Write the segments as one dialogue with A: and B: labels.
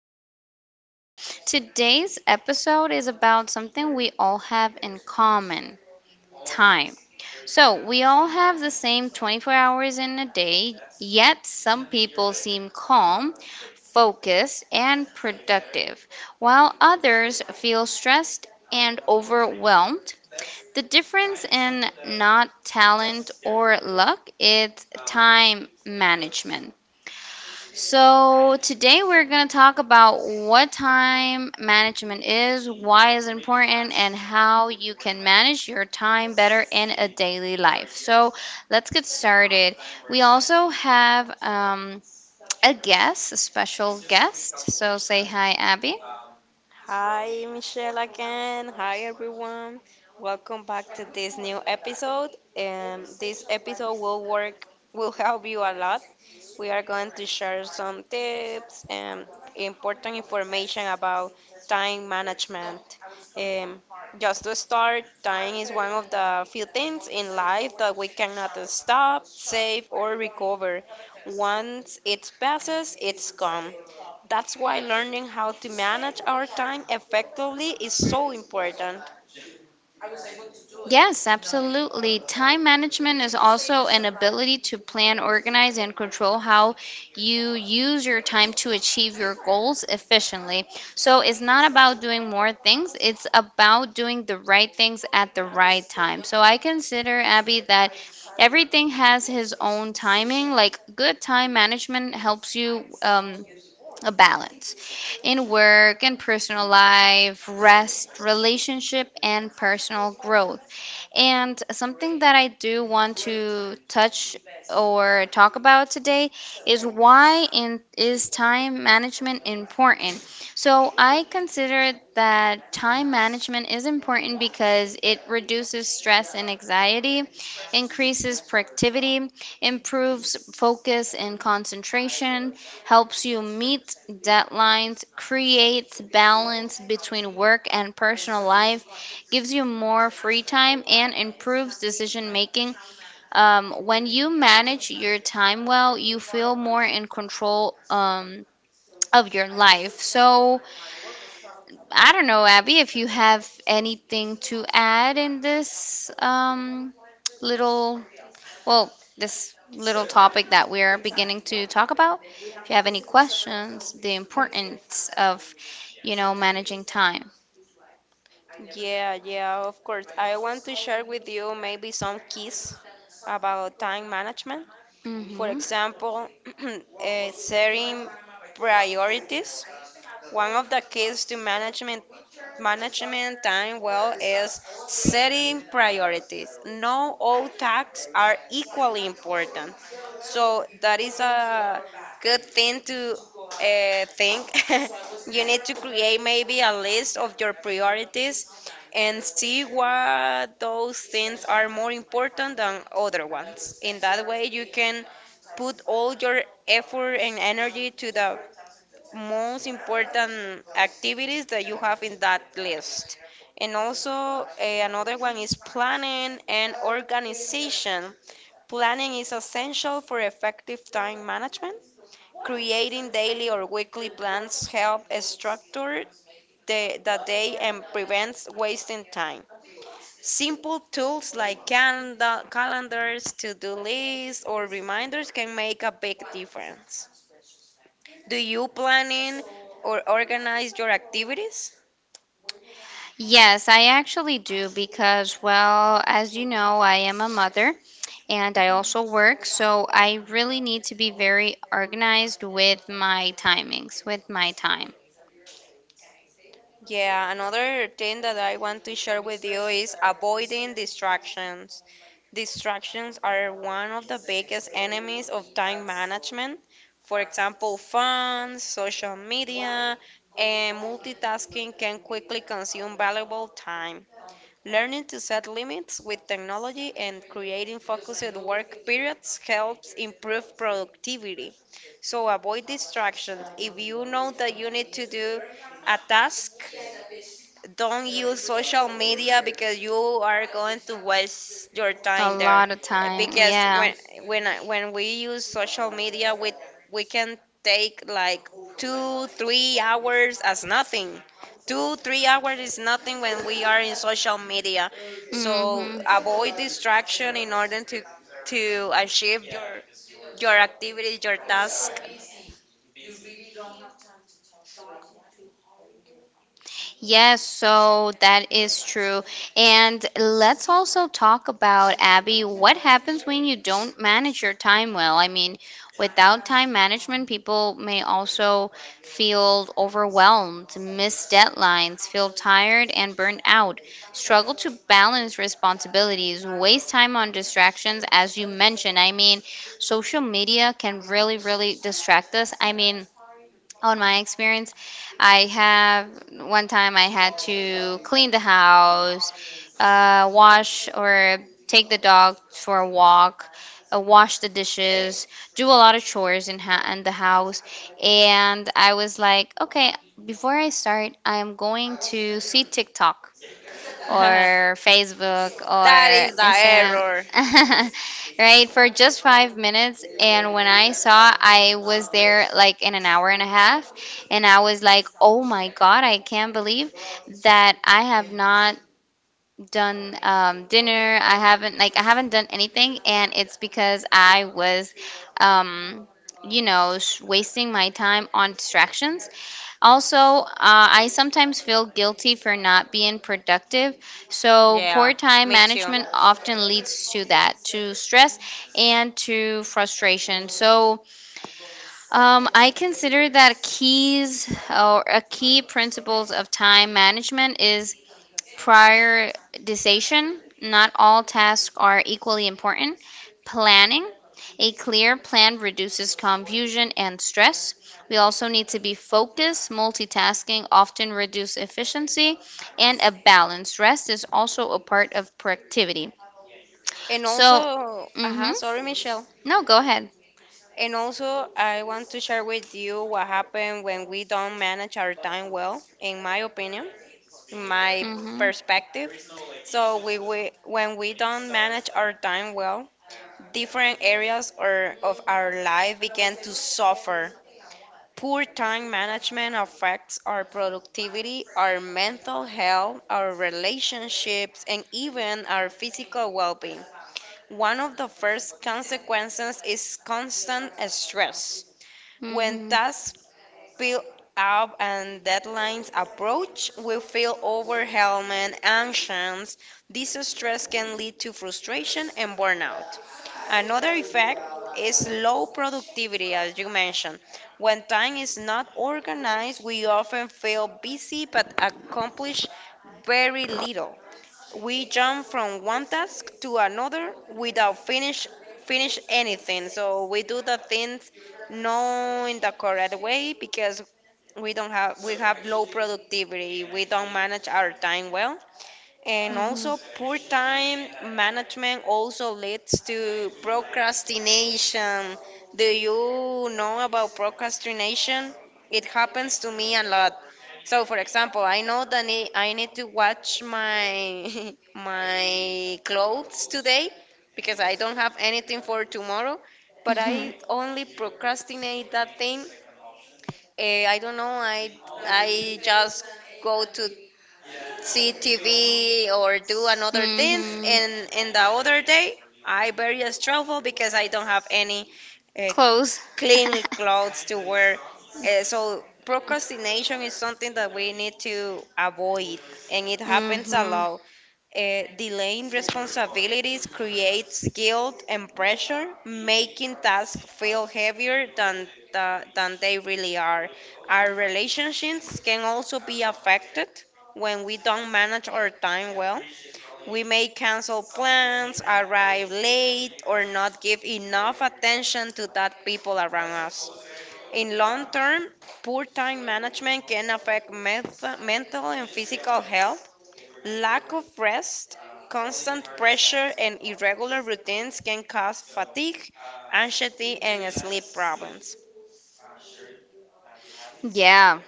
A: podcast. Today's episode is about something we all have in common, time. So, we all have the same 24 hours in a day, yet, some people seem calm, focused, and productive, while others feel stressed and overwhelmed. The difference in not talent or luck is time management. So, today we're going to talk about what time management is, why it's important, and how you can manage your time better in a daily life. So, let's get started. We also have a guest, a special guest. So, say hi, Abby.
B: Hi, Michelle again. Hi, everyone. Welcome back to this new episode. This episode will work, will help you a lot. We are going to share some tips and important information about time management. Um, just to start, time is one of the few things in life that we cannot stop, save, or recover. Once it passes, it's gone. That's why learning how to manage our time effectively is so important.
A: Yes, absolutely. Time management is also an ability to plan, organize, and control how you use your time to achieve your goals efficiently. So it's not about doing more things, it's about doing the right things at the right time. So I consider, Abby, that everything has his own timing. Like good time management helps you. A balance in work and personal life, rest, relationship, and personal growth. And something that I do want to touch or talk about today is is time management important? So I consider that time management is important because it reduces stress and anxiety, increases productivity, improves focus and concentration, helps you meet deadlines, creates balance between work and personal life, gives you more free time, and improves decision making. When you manage your time well, you feel more in control of your life. So, I don't know, Abby, if you have anything to add in this little, well, this little topic that we're beginning to talk about, if you have any questions, the importance of, you know, managing time.
B: Yeah, yeah, of course. I want to share with you maybe some keys about time management. For
A: Hmm.
B: example, setting priorities, one of the keys to management management time well is setting priorities. No all tasks are equally important. So that is a good thing to think. You need to create maybe a list of your priorities and see what those things are more important than other ones. In that way, you can put all your effort and energy to the most important activities that you have in that list. And also, another one is planning and organization. Planning is essential for effective time management. Creating daily or weekly plans help structure the day and prevents wasting time. Simple tools like calendar, calendars, to-do lists, or reminders can make a big difference. Do you planning or organize your activities?
A: Yes, I actually do because, well, as you know, I am a mother and I also work, so I really need to be very organized with my timings, with my time.
B: Yeah, another thing that I want to share with you is avoiding distractions. Distractions are one of the biggest enemies of time management. For example, phones, social media, and multitasking can quickly consume valuable time. Learning to set limits with technology and creating focused work periods helps improve productivity. So avoid distractions. If you know that you need to do a task, don't use social media because you are going to waste your
A: A
B: time there
A: lot of time,
B: because
A: yeah.
B: when we use social media we can take like 2 3 hours as nothing, 2 3 hours is nothing when we are in social media. So
A: Hmm.
B: avoid distraction in order to achieve your activities, your task.
A: Yes, so that is true. And let's also talk about, Abby, what happens when you don't manage your time well? I mean, without time management, people may also feel overwhelmed, miss deadlines, feel tired and burnt out, struggle to balance responsibilities, waste time on distractions, as you mentioned. I mean, social media can really, really distract us. I mean, on my experience, I have one time I had to clean the house, wash or take the dog for a walk, wash the dishes, do a lot of chores in the house, and I was like, okay, before I start, I am going to see TikTok
B: That
A: or Facebook or
B: is the
A: Instagram,
B: error.
A: right? For just 5 minutes. And when I saw, I was there like in an hour and a half. And I was like, oh my God, I can't believe that I have not done dinner. I haven't, like, I haven't done anything, and it's because I was, um, you know, wasting my time on distractions. Also, I sometimes feel guilty for not being productive. So poor
B: Yeah,
A: time
B: me too.
A: management often leads to that, to stress and to frustration. So I consider that keys or a key principles of time management is prioritization. Not all tasks are equally important. Planning. A clear plan reduces confusion and stress. We also need to be focused. Multitasking often reduces efficiency, and a balanced rest is also a part of productivity.
B: And
A: So,
B: also,
A: mhm.
B: sorry, Michelle.
A: No, go ahead.
B: And also, I want to share with you what happened when we don't manage our time well, in my opinion, in my
A: Mhm.
B: perspective. So we when we don't manage our time well, different areas or of our life begin to suffer. Poor time management affects our productivity, our mental health, our relationships, and even our physical well-being. One of the first consequences is constant stress. When
A: Mhm.
B: tasks pile up and deadlines approach, we feel overwhelmed, anxious. This stress can lead to frustration and burnout. Another effect is low productivity, as you mentioned. When time is not organized, we often feel busy but accomplish very little. We jump from one task to another without finish anything, so we do the things not in the correct way because we have low productivity, we don't manage our time well. And
A: Mhm.
B: also, poor time management also leads to procrastination. Do you know about procrastination? It happens to me a lot. So, for example, I know that I need to watch my my clothes today because I don't have anything for tomorrow, but
A: Mhm.
B: I only procrastinate that thing. I don't know. I just go to see TV or do another things.
A: Mhm.
B: And in the other day, I very stressful because I don't have any uh,
A: Close.
B: clean clothes to wear. So procrastination is something that we need to avoid, and it happens a
A: Mhm.
B: lot. Delaying responsibilities creates guilt and pressure, making tasks feel heavier than they really are. Our relationships can also be affected. When we don't manage our time well, we may cancel plans, arrive late, or not give enough attention to that people around us. In long term, poor time management can affect mental and physical health. Lack of rest, constant pressure, and irregular routines can cause fatigue, anxiety, and sleep problems.
A: Yeah.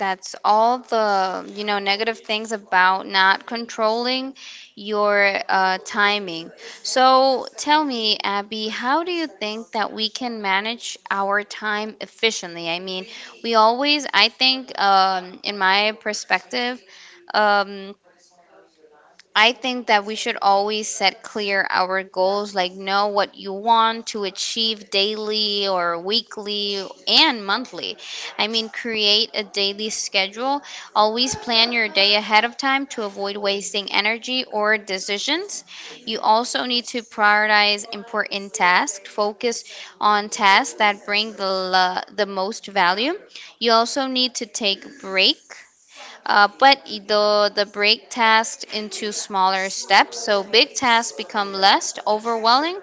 A: That's all the, you know, negative things about not controlling your timing. So tell me, Abby, how do you think that we can manage our time efficiently? I mean, we always, I think, in my perspective, um, I think that we should always set clear our goals, like know what you want to achieve daily or weekly and monthly. I mean, create a daily schedule. Always plan your day ahead of time to avoid wasting energy or decisions. You also need to prioritize important tasks, focus on tasks that bring the most value. You also need to take break, the break tasks into smaller steps, so big tasks become less overwhelming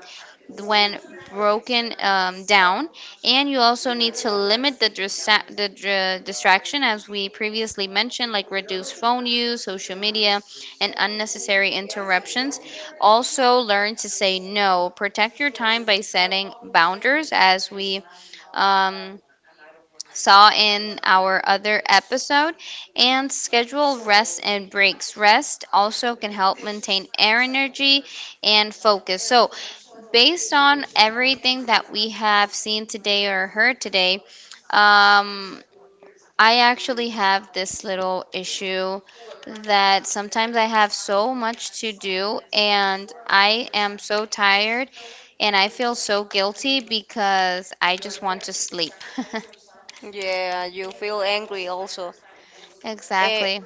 A: when broken down. And you also need to limit the distraction, as we previously mentioned, like reduce phone use, social media, and unnecessary interruptions. Also, learn to say no. Protect your time by setting boundaries, as we, Um, saw in our other episode, and schedule rest and breaks. Rest also can help maintain air energy and focus. So, based on everything that we have seen today or heard today, um, I actually have this little issue that sometimes I have so much to do and I am so tired and I feel so guilty because I just want to sleep.
B: Yeah, you feel angry also. Eh,
A: Exactly.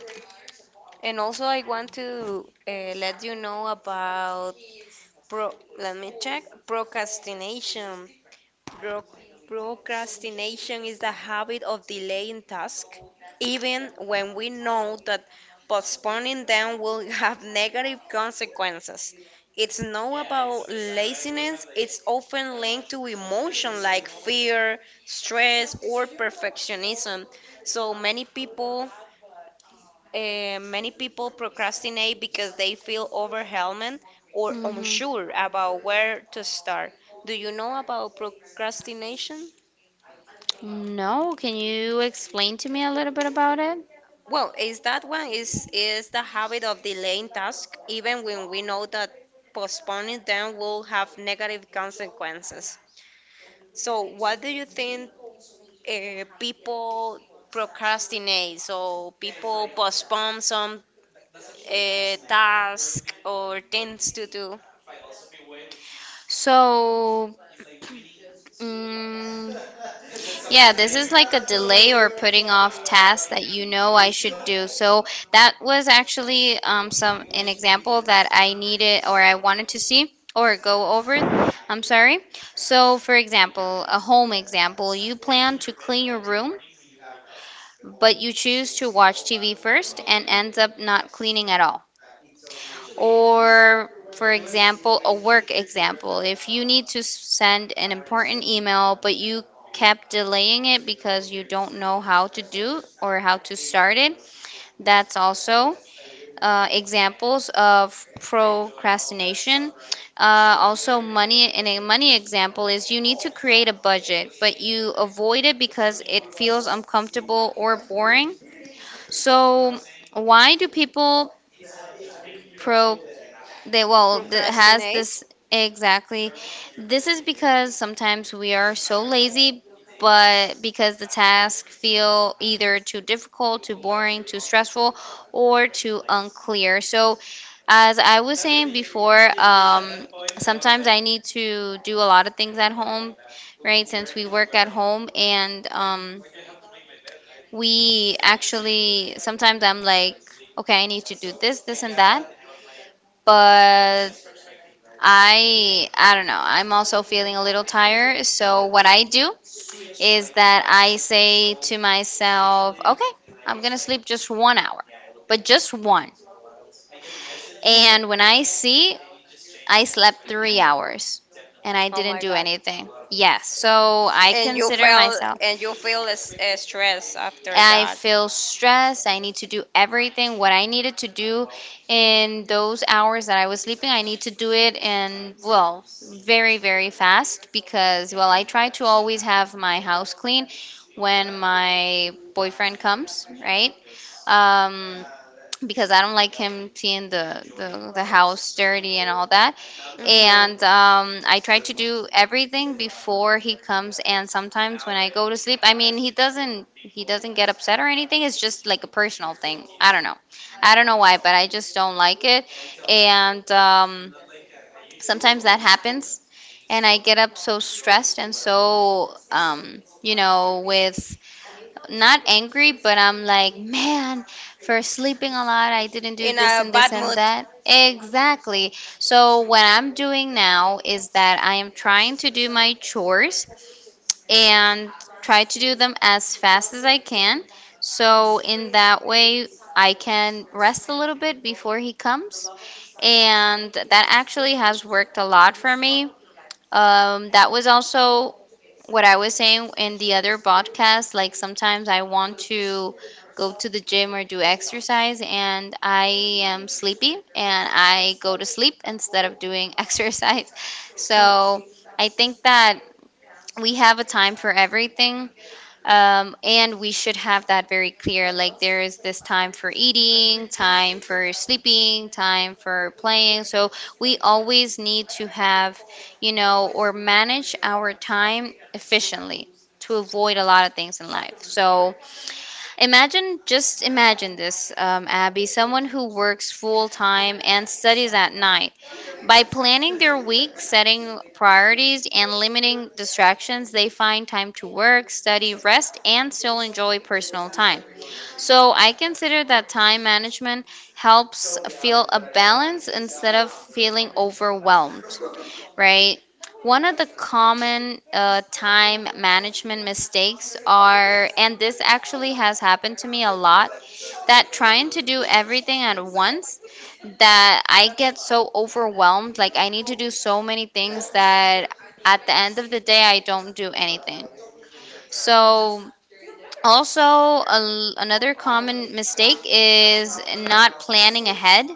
B: And also, I want to let you know about pro. Let me check. Procrastination. Pro- Procrastination is the habit of delaying tasks, even when we know that postponing them will have negative consequences. It's not about laziness. It's often linked to emotion like fear, stress, or perfectionism. So many people procrastinate because they feel overwhelmed or
A: Hmm.
B: unsure about where to start. Do you know about procrastination?
A: No, can you explain to me a little bit about it?
B: Well, is that one is the habit of delaying tasks even when we know that postponing them will have negative consequences. So, what do you think people procrastinate? So, people postpone some task or things to do.
A: So, mm, yeah, this is like a delay or putting off tasks that you know I should do. So that was actually some an example that I needed or I wanted to see or go over. I'm sorry. So, for example, a home example, you plan to clean your room, but you choose to watch TV first and ends up not cleaning at all. Or for example a work example, if you need to send an important email but you kept delaying it because you don't know how to do or how to start it, that's also examples of procrastination. Also money, in a money example, is you need to create a budget but you avoid it because it feels uncomfortable or boring. So why do people pro? They, has
B: Procrastinate.
A: this exactly. This is because sometimes we are so lazy, but because the tasks feel either too difficult, too boring, too stressful, or too unclear. So, as I was saying before, sometimes I need to do a lot of things at home, right? Since we work at home, and we actually sometimes I'm like, okay, I need to do this, this, and that, but I don't know. I'm also feeling a little tired. So what I do is that I say to myself, okay, I'm gonna sleep just 1 hour, but just one. And when I see, I slept 3 hours and I
B: Oh
A: didn't
B: my
A: do
B: god.
A: anything. Yes, so I
B: And you
A: consider
B: feel
A: myself.
B: and you feel stress after
A: I
B: that.
A: feel stressed. I need to do everything what I needed to do in those hours that I was sleeping. I need to do it and, well, very very fast because, well, I try to always have my house clean when my boyfriend comes, right? Um because I don't like him seeing the house dirty and all that,
B: Hmm.
A: and I try to do everything before he comes. And sometimes when I go to sleep, I mean, he doesn't get upset or anything. It's just like a personal thing. I don't know why, but I just don't like it. And sometimes that happens, and I get up so stressed and so, you know, with, not angry, but I'm like, man, for sleeping a lot, I didn't do
B: In
A: this
B: a
A: and this
B: bad
A: and
B: mood.
A: that. Exactly. So, what I'm doing now is that I am trying to do my chores and try to do them as fast as I can. So, in that way, I can rest a little bit before he comes. And that actually has worked a lot for me. That was also what I was saying in the other podcast. Like sometimes I want to go to the gym or do exercise, and I am sleepy and I go to sleep instead of doing exercise.
B: Mhm.
A: So I think that we have a time for everything. And we should have that very clear. Like there is this time for eating, time for sleeping, time for playing. So we always need to have, you know, or manage our time efficiently to avoid a lot of things in life. So imagine, just imagine this, Abby, someone who works full time and studies at night. By planning their week, setting priorities, and limiting distractions, they find time to work, study, rest, and still enjoy personal time. So I consider that time management helps feel a balance instead of feeling overwhelmed, right? One of the common time management mistakes are, and this actually has happened to me a lot, that trying to do everything at once, that I get so overwhelmed. Like, I need to do so many things that at the end of the day, I don't do anything. So, also, another common mistake is not planning ahead,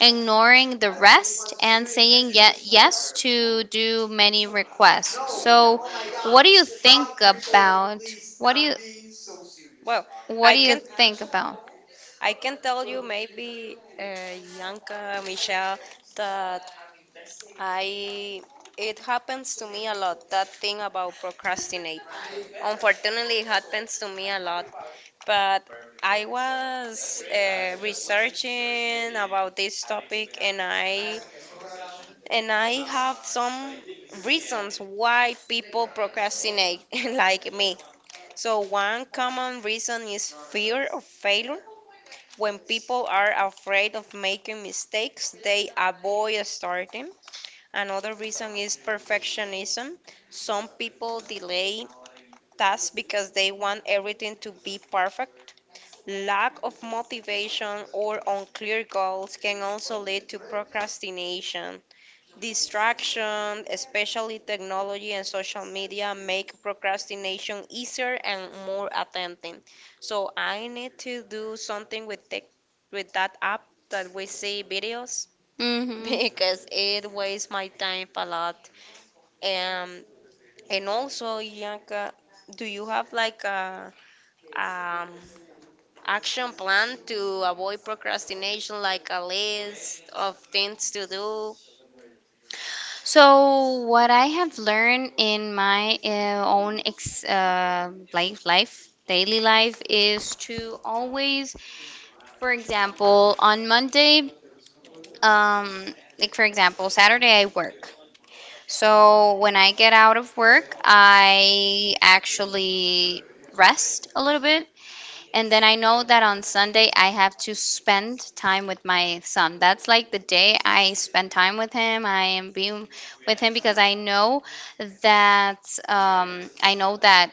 A: ignoring the rest and saying yes to do many requests. So, what do you think about? What do you
B: Well,
A: what
B: I
A: do you
B: can
A: think about?
B: I can tell you maybe Yanka, Michelle, that I it happens to me a lot that thing about procrastinate. Unfortunately, it happens to me a lot, but I was researching about this topic and I have some reasons why people procrastinate like me. So one common reason is fear of failure. When people are afraid of making mistakes, they avoid starting. Another reason is perfectionism. Some people delay tasks because they want everything to be perfect. Lack of motivation or unclear goals can also lead to procrastination. Distraction, especially technology and social media, make procrastination easier and more attentive. So I need to do something with tech, with that app that we see videos
A: hmm
B: because it wastes my time a lot. Um, and also, Yanka, do you have like a um, action plan to avoid procrastination, like a list of things to do.
A: So what I have learned in my own ex daily life is to always, for example, on Monday, um, like for example, Saturday I work. So when I get out of work, I actually rest a little bit. And then I know that on Sunday, I have to spend time with my son. That's like the day I spend time with him. I am being with him because I know that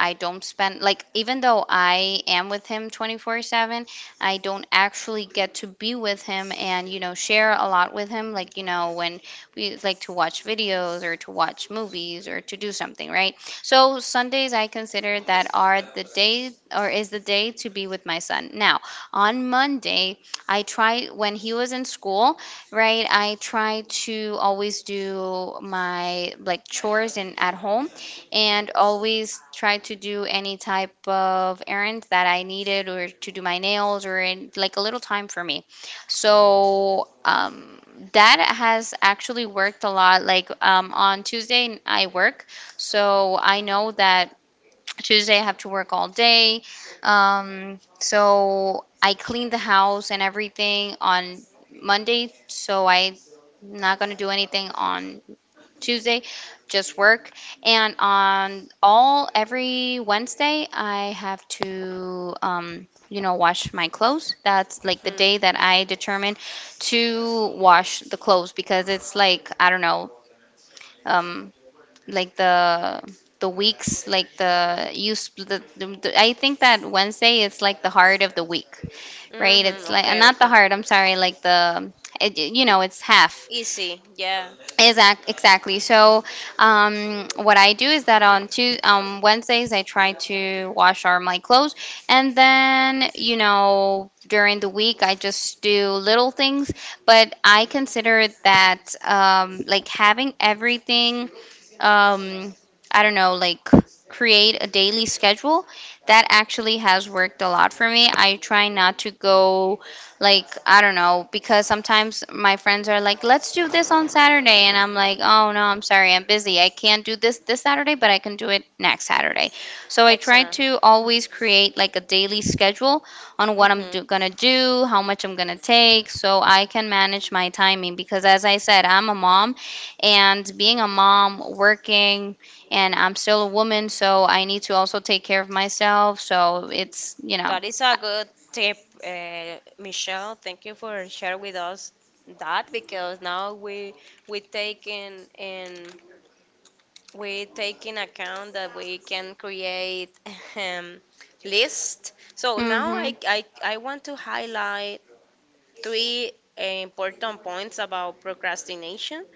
A: I don't spend, like, even though I am with him 24/7, I don't actually get to be with him and, you know, share a lot with him, like, you know, when we like to watch videos or to watch movies or to do something, right? So Sundays I consider that are the day, or is the day, to be with my son. Now, on Monday, I try, when he was in school, right? I try to always do my like chores in at home and always try to do any type of errands that I needed, or to do my nails, or in like a little time for me. So that has actually worked a lot. Like, on Tuesday, I work, so I know that Tuesday I have to work all day. So I clean the house and everything on Monday, so I'm not gonna do anything on Tuesday, just work. And on all every Wednesday, I have to, you know, wash my clothes. That's like the
B: Hmm.
A: day that I determine to wash the clothes, because it's like, I don't know, um, like the weeks, like the you split. I think that Wednesday is like the heart of the week, right?
B: Hmm.
A: It's like
B: Okay,
A: not the
B: okay.
A: heart, I'm sorry, like the, it, you
B: E-
A: know, it's half.
B: Easy, yeah.
A: Exactly. So, what I do is that on Tues Wednesdays, I try to wash our my clothes, and then, you know, during the week, I just do little things. But I consider that, like having everything, um, I don't know, like, create a daily schedule. That actually has worked a lot for me. I try not to go, like, I don't know, because sometimes my friends are like, let's do this on Saturday. And I'm like, oh no, I'm sorry, I'm busy. I can't do this this Saturday, but I can do it next Saturday. So I try
B: Excellent.
A: to always create like a daily schedule on what I'm
B: Hmm.
A: gonna do, how much I'm gonna take, so I can manage my timing. Because as I said, I'm a mom, and being a mom, working, and I'm still a woman, so I need to also take care of myself. So it's, you know,
B: That is a good tip, Michelle. Thank you for sharing with us that because now we take in we take in account that we can create um, list. So
A: mm
B: now
A: hmm.
B: I want to highlight three important points about procrastination.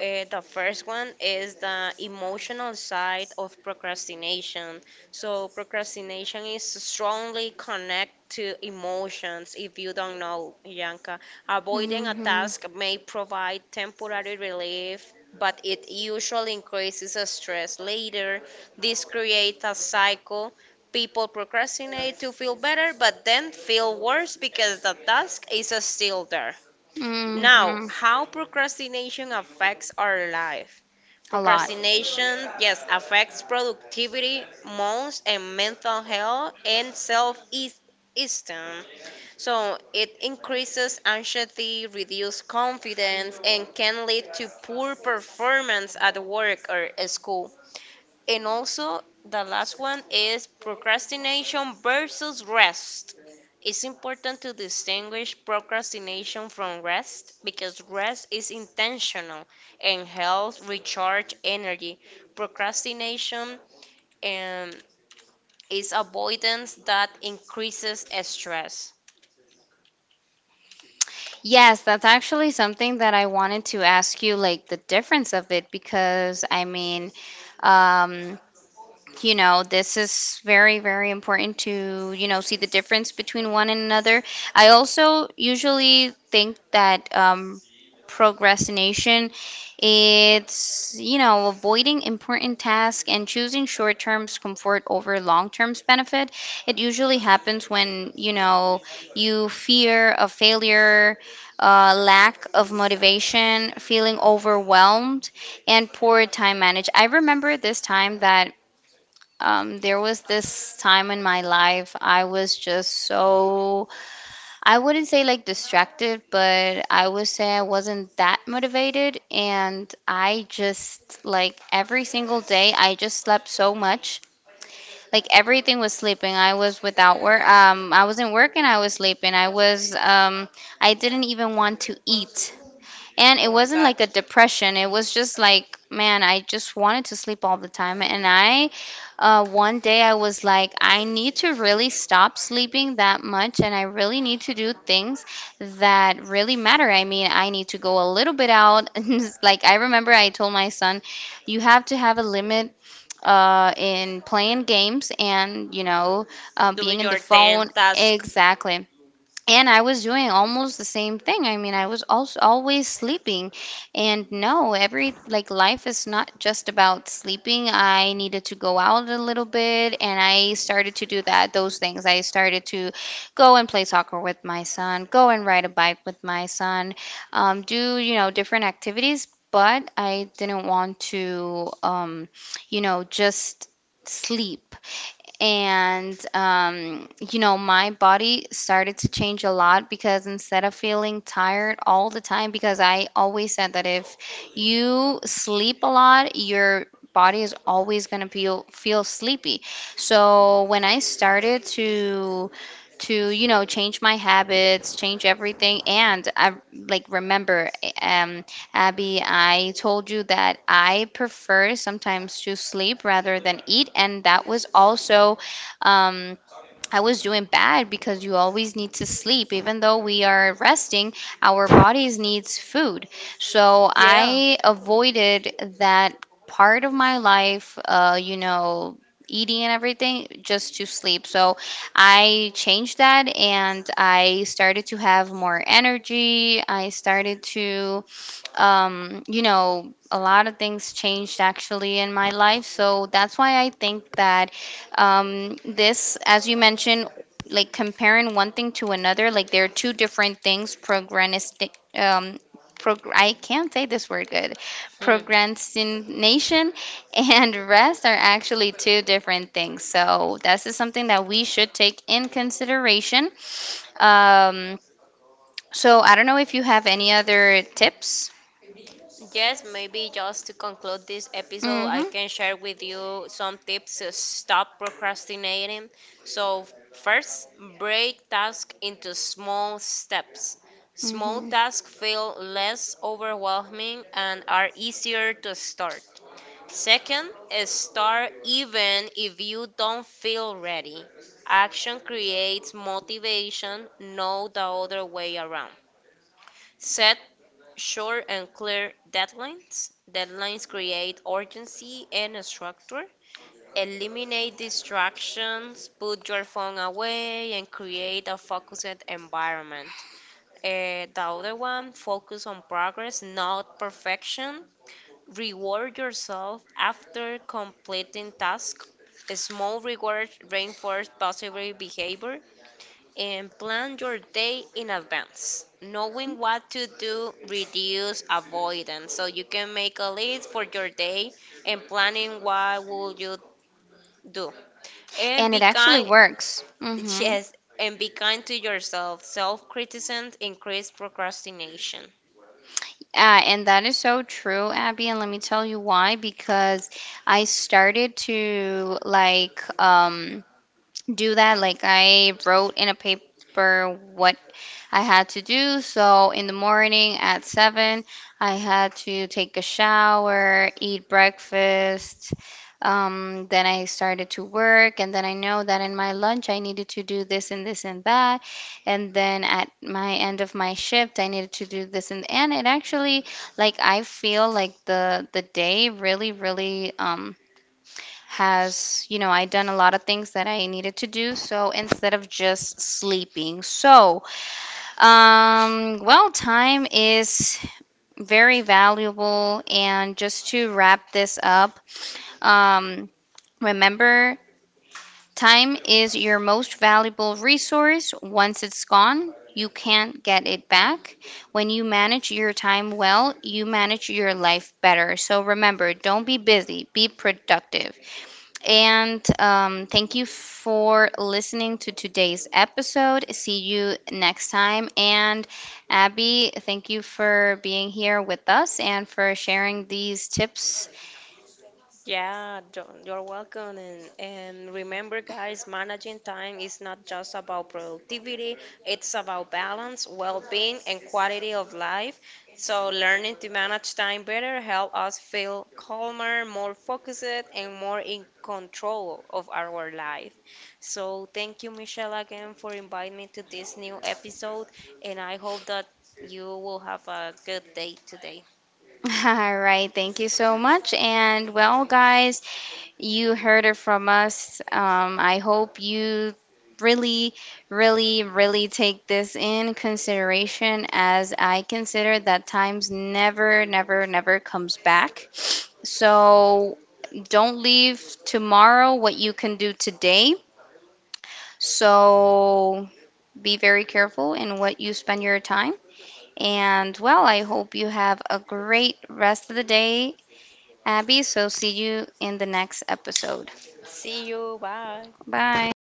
B: The first one is the emotional side of procrastination. So, procrastination is strongly connected to emotions. If you don't know, Yanka, avoiding a
A: Mm-hmm.
B: task may provide temporary relief, but it usually increases the stress later. This creates a cycle. People procrastinate to feel better, but then feel worse because the task is still there. Now,
A: hmm
B: how procrastination affects our life?
A: A lot.
B: Procrastination, yes, affects productivity, moods, and mental health and self-esteem. So it increases anxiety, reduces confidence, and can lead to poor performance at work or school. And also, the last one is procrastination versus rest. It's important to distinguish procrastination from rest because rest is intentional and helps recharge energy. Procrastination um, is avoidance that increases stress.
A: Yes, that's actually something that I wanted to ask you, like the difference of it, because I mean, um, you know, this is very, very important to, you know, see the difference between one and another. I also usually think that procrastination, it's, you know, avoiding important tasks and choosing short-term comfort over long-term benefit. It usually happens when, you know, you fear of failure, lack of motivation, feeling overwhelmed, and poor time management. I remember this time that there was this time in my life I was just so, I wouldn't say like distracted, but I would say I wasn't that motivated. And I just, like, every single day, I just slept so much. Like, everything was sleeping. I was without work. I wasn't working, I was sleeping. I was, I didn't even want to eat. And it
B: Oh my
A: wasn't
B: god,
A: like a depression. It was just like, man, I just wanted to sleep all the time. One day I was like, I need to really stop sleeping that much and I really need to do things that really matter. I mean, I need to go a little bit out. And it's like, I remember I told my son, you have to have a limit in playing games and, you know,
B: do
A: being in the
B: your 10
A: phone.
B: task.
A: Exactly. And I was doing almost the same thing. I mean, I was also always sleeping. And no, every, like, life is not just about sleeping. I needed to go out a little bit and I started to do that those things. I started to go and play soccer with my son, go and ride a bike with my son, do, you know, different activities, but I didn't want to you know, just sleep. And, you know, my body started to change a lot because instead of feeling tired all the time, because I always said that if you sleep a lot, your body is always going to feel sleepy. So when I started to, you know, change my habits, change everything, and I, like, remember, um, Abby, I told you that I prefer sometimes to sleep rather than eat, and that was also um, I was doing bad because you always need to sleep. Even though we are resting, our bodies needs food. So
B: Yeah.
A: I avoided that part of my life, you know, eating and everything just to sleep. So I changed that and I started to have more energy. I started to you know, a lot of things changed actually in my life. So that's why I think that this, as you mentioned, like comparing one thing to another, like there are two different things, procrastination, prog I can't say this word good. Procrastination and rest are actually two different things. So this is something that we should take in consideration. Um, so I don't know if you have any other tips.
B: Yes, maybe just to conclude this episode, I
A: Mm-hmm.
B: can share with you some tips to stop procrastinating. So, first, break tasks into small steps. Small
A: Mm-hmm.
B: tasks feel less overwhelming and are easier to start. Second, is start even if you don't feel ready. Action creates motivation, not the other way around. Set short and clear deadlines. Deadlines create urgency and structure. Eliminate distractions, put your phone away, and create a focused environment. The other one, focus on progress, not perfection. Reward yourself after completing tasks. Small rewards reinforce positive behavior, and plan your day in advance. Knowing what to do reduce avoidance, so you can make a list for your day and planning what will you do. And
A: And
B: be
A: it actually
B: kind.
A: works. Mm-hmm.
B: Yes, and be kind to yourself. Self-criticism increase procrastination.
A: And that is so true, Abby, and let me tell you why. Because I started to like do that. Like I wrote in a paper what I had to do. So in the morning at 7, I had to take a shower, eat breakfast. Then I started to work, and then I know that in my lunch I needed to do this and this and that, and then at my end of my shift I needed to do this and it actually, like, I feel like the day really really has, you know, I done a lot of things that I needed to do. So instead of just sleeping, so well, time is very valuable. And just to wrap this up, um, remember, time is your most valuable resource. Once it's gone, you can't get it back. When you manage your time well, you manage your life better. So remember, don't be busy, be productive. And thank you for listening to today's episode. See you next time. And Abby, thank you for being here with us and for sharing these tips.
B: Yeah, you're welcome. And remember, guys, managing time is not just about productivity, it's about balance, well being, and quality of life. So, learning to manage time better help us feel calmer, more focused, and more in control of our life. So, thank you, Michelle, again for inviting me to this new episode. And I hope that you will have a good day today.
A: All right. Thank you so much. And well, guys, you heard it from us. I hope you really, really, really take this in consideration as I consider that times never, never, never comes back. So don't leave tomorrow what you can do today. So be very careful in what you spend your time. And well, I hope you have a great rest of the day, Abby. So see you in the next episode.
B: See you. Bye.
A: Bye.